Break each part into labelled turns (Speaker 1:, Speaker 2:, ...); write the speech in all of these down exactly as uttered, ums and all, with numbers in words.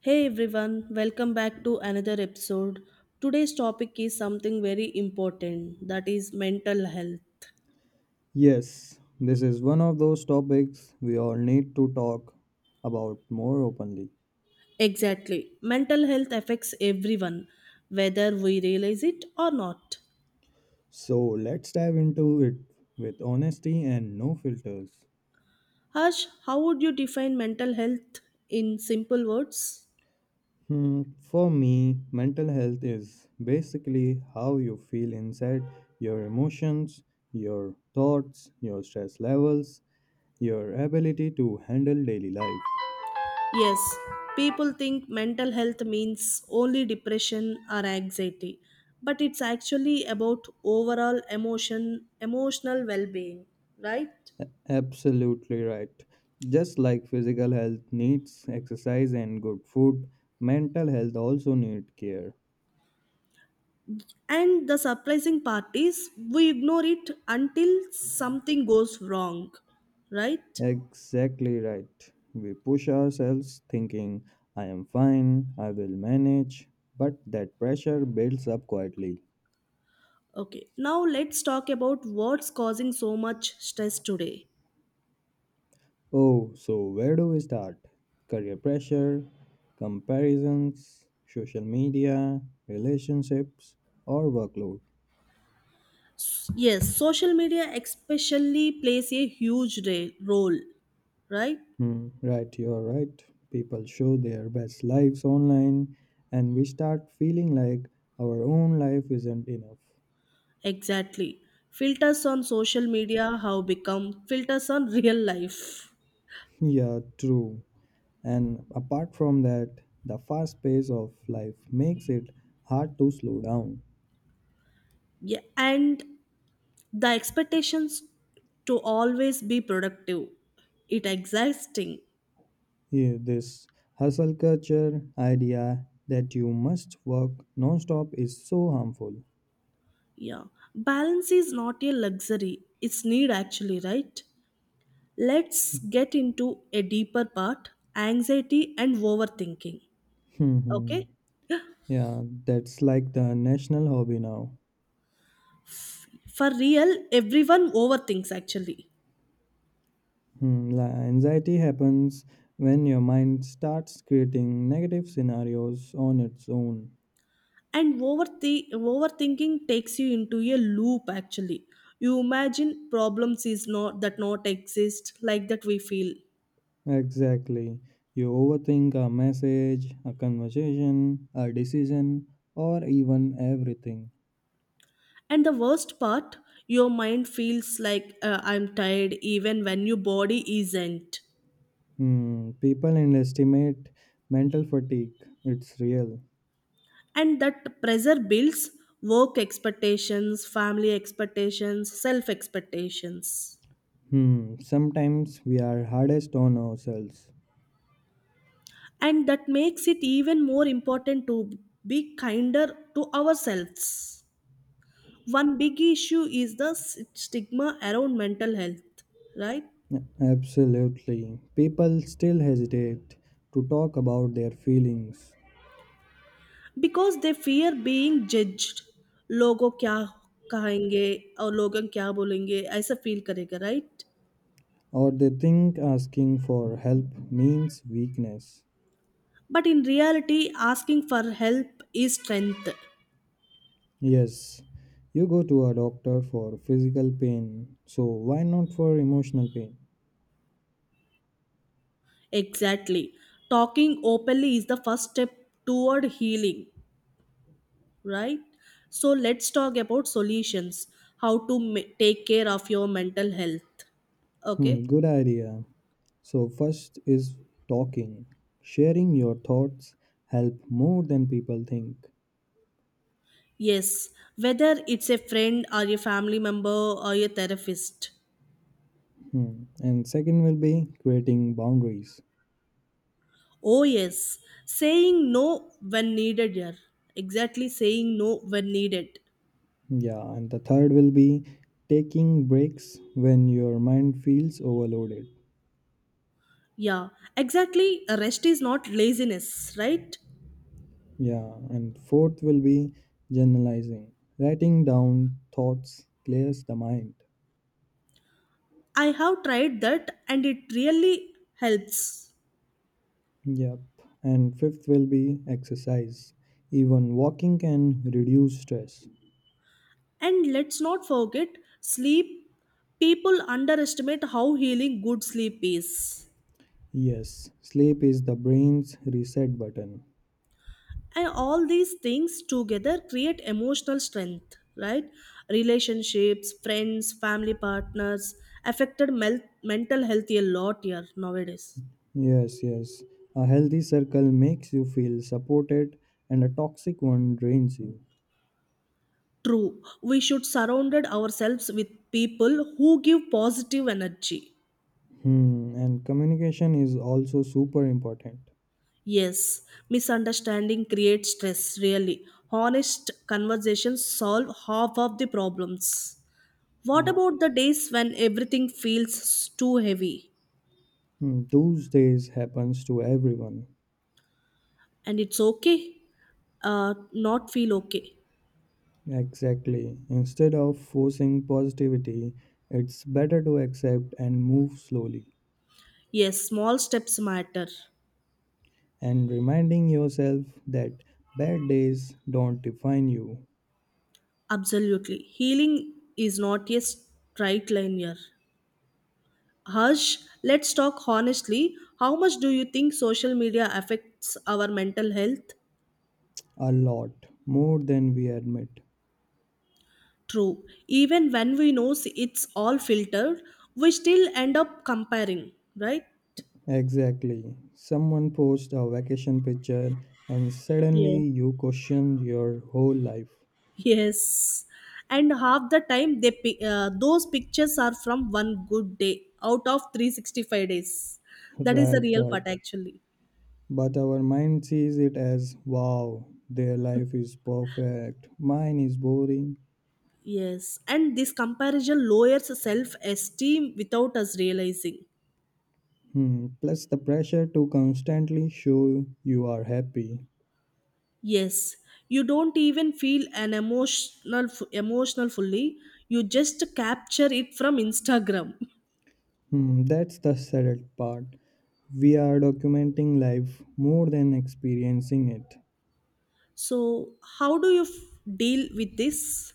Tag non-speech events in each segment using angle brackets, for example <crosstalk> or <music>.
Speaker 1: Hey everyone, welcome back to another episode. Today's topic is something very important, that is mental health.
Speaker 2: Yes, this is one of those topics we all need to talk about more openly.
Speaker 1: Exactly. Mental health affects everyone, whether we realize it or not.
Speaker 2: So let's dive into it with honesty and no filters.
Speaker 1: Harsh, how would you define mental health in simple words?
Speaker 2: Hmm, for me, mental health is basically how you feel inside your emotions, your thoughts, your stress levels, your ability to handle daily life.
Speaker 1: Yes, people think mental health means only depression or anxiety, but it's actually about overall emotion, emotional well-being, right?
Speaker 2: Absolutely right. Just like physical health needs exercise and good food, mental health also needs care.
Speaker 1: And the surprising part is we ignore it until something goes wrong, right?
Speaker 2: Exactly right. We push ourselves thinking, I am fine, I will manage, but that pressure builds up quietly.
Speaker 1: Okay, now let's talk about what's causing so much stress today.
Speaker 2: Oh, so where do we start? Career pressure, comparisons, social media, relationships, or workload?
Speaker 1: Yes, social media especially plays a huge re- role, right?
Speaker 2: Hmm, right, you're right. People show their best lives online, and we start feeling like our own life isn't enough.
Speaker 1: Exactly. Filters on social media have become filters on real life.
Speaker 2: <laughs> Yeah, true. And apart from that, the fast pace of life makes it hard to slow down.
Speaker 1: Yeah, and the expectations to always be productive. It exhausting.
Speaker 2: Yeah, this hustle culture idea that you must work non-stop is so harmful.
Speaker 1: Yeah, balance is not a luxury, it's need actually, right? Let's get into a deeper part, anxiety and overthinking. Okay? Yeah.
Speaker 2: <laughs> Yeah, that's like the national hobby now.
Speaker 1: For real, everyone overthinks actually.
Speaker 2: Hmm, la- anxiety happens when your mind starts creating negative scenarios on its own.
Speaker 1: And overthi- overthinking takes you into a loop actually. You imagine problems is not that not exist like that we feel.
Speaker 2: Exactly. You overthink a message, a conversation, a decision, or even everything.
Speaker 1: And the worst part, your mind feels like uh, I'm tired even when your body isn't.
Speaker 2: Hmm, people underestimate mental fatigue. It's real.
Speaker 1: And that pressure builds, work expectations, family expectations, self expectations.
Speaker 2: Hmm, Sometimes we are hardest on ourselves.
Speaker 1: And that makes it even more important to be kinder to ourselves. One big issue is the s- stigma around mental health, right?
Speaker 2: Absolutely. People still hesitate to talk about their feelings.
Speaker 1: Because they fear being judged, लोगों क्या कहेंगे और लोगों क्या बोलेंगे ऐसा feel करेगा, right?
Speaker 2: Or they think asking for help means weakness.
Speaker 1: But in reality, asking for help is strength.
Speaker 2: Yes, you go to a doctor for physical pain, so why not for emotional pain?
Speaker 1: Exactly. Talking openly is the first step toward healing, right? So let's talk about solutions. How to ma- take care of your mental health.
Speaker 2: Hmm,
Speaker 1: Okay?
Speaker 2: good idea. So, first is talking. Sharing your thoughts help more than people think.
Speaker 1: Yes. Whether it's a friend or a family member or a therapist.
Speaker 2: Hmm. And second will be creating boundaries.
Speaker 1: Oh, yes. Saying no when needed, yeah. Exactly, saying no when needed.
Speaker 2: Yeah, and the third will be taking breaks when your mind feels overloaded.
Speaker 1: Yeah, exactly. Rest is not laziness, right?
Speaker 2: Yeah, and fourth will be generalizing. Writing down thoughts clears the mind.
Speaker 1: I have tried that and it really helps.
Speaker 2: Yep. And fifth will be exercise. Even walking can reduce stress.
Speaker 1: And let's not forget sleep. People underestimate how healing good sleep is.
Speaker 2: Yes, sleep is the brain's reset button.
Speaker 1: And all these things together create emotional strength, right? Relationships, friends, family partners affected mel- mental health a lot here nowadays.
Speaker 2: Yes, yes. A healthy circle makes you feel supported and a toxic one drains you.
Speaker 1: True, we should surround ourselves with people who give positive energy.
Speaker 2: Hmm, and communication is also super important.
Speaker 1: Yes, misunderstanding creates stress, really. Honest conversations solve half of the problems. What
Speaker 2: Yeah.
Speaker 1: about the days when everything feels too heavy
Speaker 2: Hmm, Those days happens to everyone.
Speaker 1: and it's okay? Uh, not feel okay.
Speaker 2: Exactly. Instead of forcing positivity, it's better to accept and move slowly,
Speaker 1: Yes, small steps matter.
Speaker 2: and reminding yourself that bad days don't define you
Speaker 1: Absolutely. Healing is not a straight line here. Harsh, let's talk honestly. How much do you think social media affects our mental health?
Speaker 2: a lot more than we admit.
Speaker 1: True. Even when we know it's all filtered, we still end up comparing, right?
Speaker 2: Exactly. Someone posts a vacation picture, and suddenly
Speaker 1: Yes.
Speaker 2: you question your whole life.
Speaker 1: Yes. And half the time, they pi- uh, those pictures are from one good day out of three hundred sixty-five days. That is the
Speaker 2: Right,
Speaker 1: real
Speaker 2: right.
Speaker 1: part, actually.
Speaker 2: But our mind sees it as wow, their life is perfect, mine is boring.
Speaker 1: Yes. And this comparison lowers self esteem without us realizing.
Speaker 2: Hmm, plus the pressure to constantly show you are happy.
Speaker 1: Yes, you don't even feel an emotional emotional fully. You just capture it from Instagram. <laughs>
Speaker 2: Hmm, that's the sad part. We are documenting life more than experiencing it.
Speaker 1: So, how do you f- deal with this?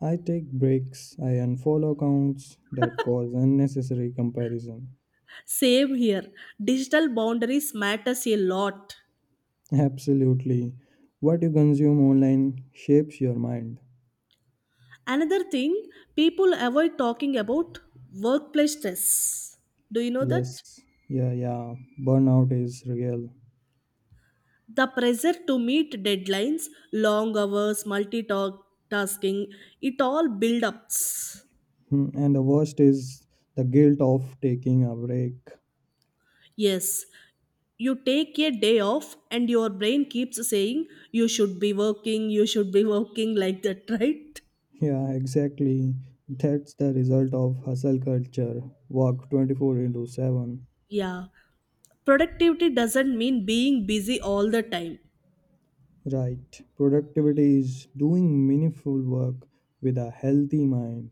Speaker 2: I take breaks, I unfollow accounts that cause unnecessary comparison.
Speaker 1: Same here. Digital boundaries matters a lot.
Speaker 2: Absolutely. What you consume online shapes your mind.
Speaker 1: Another thing, people avoid talking about workplace stress. Do you know
Speaker 2: Yes,
Speaker 1: that?
Speaker 2: yeah, yeah. Burnout is real.
Speaker 1: The pressure to meet deadlines, long hours, multitasking, it all build ups.
Speaker 2: Hmm, And the worst is the guilt of taking a break.
Speaker 1: Yes, you take a day off and your brain keeps saying you should be working, you should be working like that, <laughs> right?
Speaker 2: Yeah, exactly. That's the result of hustle culture. Work twenty four into seven.
Speaker 1: Yeah, productivity doesn't mean being busy all the time.
Speaker 2: Right. Productivity is doing meaningful work with a healthy mind.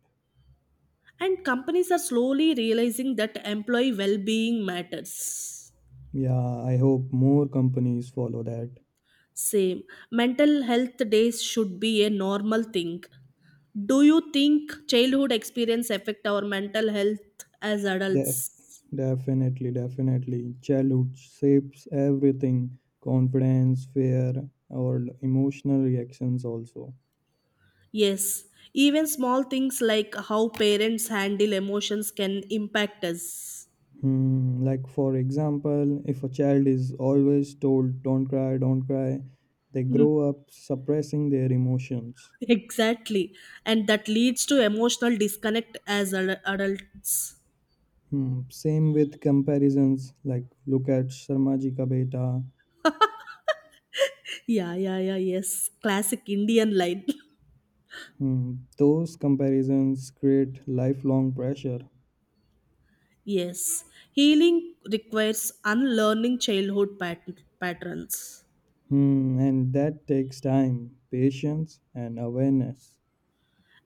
Speaker 1: And companies are slowly realizing that employee well being matters.
Speaker 2: Yeah, I hope more companies follow that.
Speaker 1: Same. Mental health days should be a normal thing. Do you think childhood experience affect our mental health as
Speaker 2: Def-
Speaker 1: adults?
Speaker 2: definitely, Definitely. Childhood shapes everything confidence, fear, or emotional reactions also.
Speaker 1: Yes. Even small things like how parents handle emotions can impact us.
Speaker 2: Hmm, like, for example, if a child is always told, don't cry, don't cry, they
Speaker 1: Hmm.
Speaker 2: grow up suppressing their emotions.
Speaker 1: Exactly. And that leads to emotional disconnect as ad- adults.
Speaker 2: Hmm, same with comparisons, like, look at Sarmaji Ka Beta.
Speaker 1: Yeah, yeah, yeah, yes. Classic Indian line.
Speaker 2: Hmm, those comparisons create lifelong pressure.
Speaker 1: <laughs> Yes. Healing requires unlearning childhood pat- patterns.
Speaker 2: Hmm, and that takes time, patience, and awareness.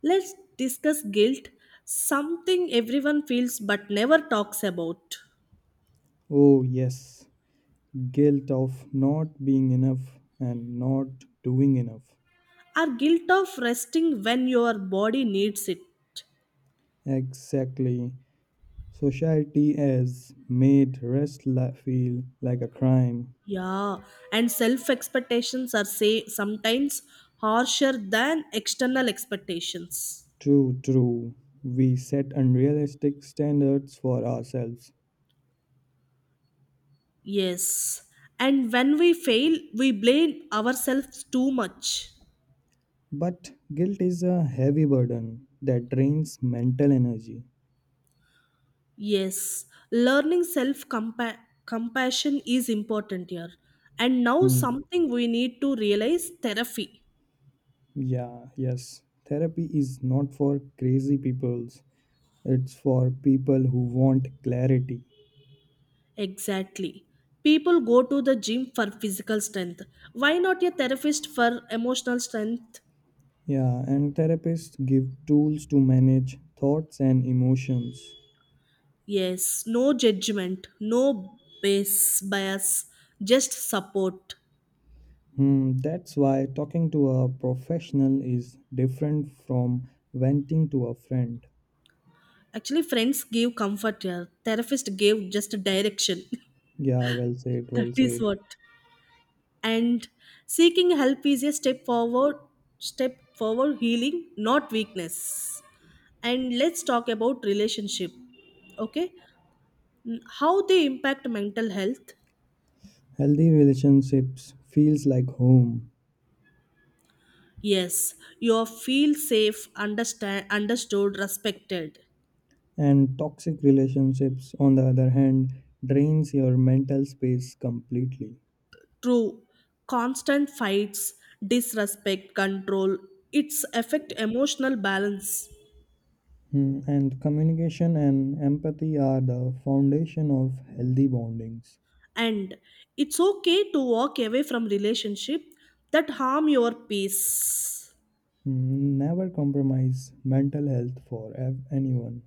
Speaker 1: Let's discuss guilt, something everyone feels but never talks about.
Speaker 2: Oh, yes, guilt of not being enough and not doing enough.
Speaker 1: Our guilt of resting when your body needs it.
Speaker 2: Exactly. Society has made rest li- feel like a crime.
Speaker 1: Yeah, and self expectations are say sometimes harsher than external expectations.
Speaker 2: True, true. We set unrealistic standards for ourselves.
Speaker 1: Yes. And when we fail, we blame ourselves too much.
Speaker 2: But guilt is a heavy burden that drains mental energy.
Speaker 1: Yes. Learning self compassion is important here. And now
Speaker 2: Hmm.
Speaker 1: something we need to realize, therapy.
Speaker 2: Yeah, yes. Therapy is not for crazy peoples. It's for people who want clarity.
Speaker 1: Exactly. People go to the gym for physical strength. Why not a therapist for emotional strength?
Speaker 2: Yeah, and therapists give tools to manage thoughts and emotions.
Speaker 1: Yes, no judgment, no bias, bias, just support.
Speaker 2: Hmm, that's why talking to a professional is different from venting to a friend.
Speaker 1: Actually, friends gave comfort here, therapist gave just direction.
Speaker 2: Yeah, well said,
Speaker 1: <laughs> That
Speaker 2: well
Speaker 1: is
Speaker 2: said.
Speaker 1: what. And seeking help is a step forward, step forward healing, not weakness. And let's talk about relationship. Okay, Mm, how they impact mental health.
Speaker 2: Healthy relationships feels like home,
Speaker 1: Yes, you feel safe, understand, understood, respected.
Speaker 2: and toxic relationships, on the other hand, drains your mental space completely.
Speaker 1: True, constant fights, disrespect, control, its affect emotional balance.
Speaker 2: Hmm, and communication and empathy are the foundation of healthy bondings.
Speaker 1: And it's okay to walk away from relationship that harm your peace.
Speaker 2: Hmm, never compromise mental health for ev- anyone.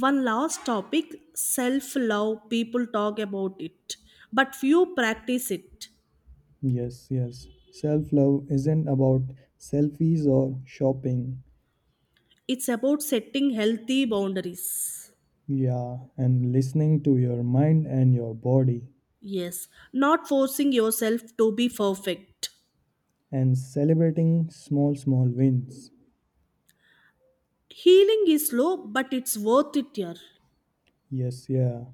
Speaker 1: One last topic, self-love. People talk about it, but few practice it.
Speaker 2: Yes, yes. Self love isn't about selfies or shopping.
Speaker 1: It's about setting healthy boundaries.
Speaker 2: Yeah, and listening to your mind and your body
Speaker 1: Yes, not forcing yourself to be perfect.
Speaker 2: and celebrating small, small wins.
Speaker 1: Healing is slow, but it's worth it, dear.
Speaker 2: Yes, yeah.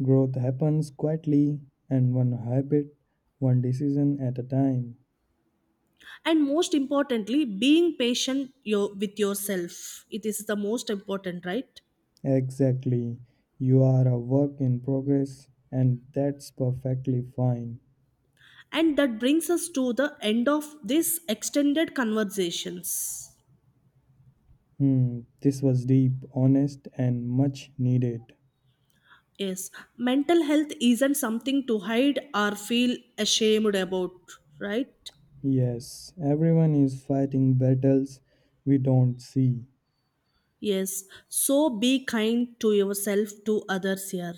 Speaker 2: Growth happens quietly and one habit, one decision at a time.
Speaker 1: And most importantly, being patient your, with yourself, it is the most important, right?
Speaker 2: Exactly. You are a work in progress and that's perfectly fine.
Speaker 1: And that brings us to the end of this extended conversations.
Speaker 2: Hmm, this was deep, honest, and much needed.
Speaker 1: Yes, mental health isn't something to hide or feel ashamed about, right?
Speaker 2: Yes, everyone is fighting battles we don't see.
Speaker 1: Yes, so be kind to yourself, to others here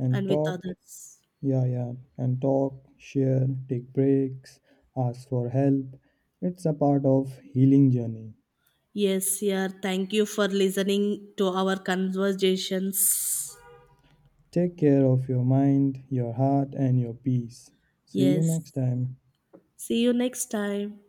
Speaker 2: And
Speaker 1: and with
Speaker 2: talk,
Speaker 1: others.
Speaker 2: yeah, yeah, and talk, share, take breaks, ask for help. It's a part of healing journey.
Speaker 1: Yes, here thank you for listening to our conversations.
Speaker 2: Take care of your mind, your heart and your peace. See you
Speaker 1: Yes,
Speaker 2: next time.
Speaker 1: see you next time.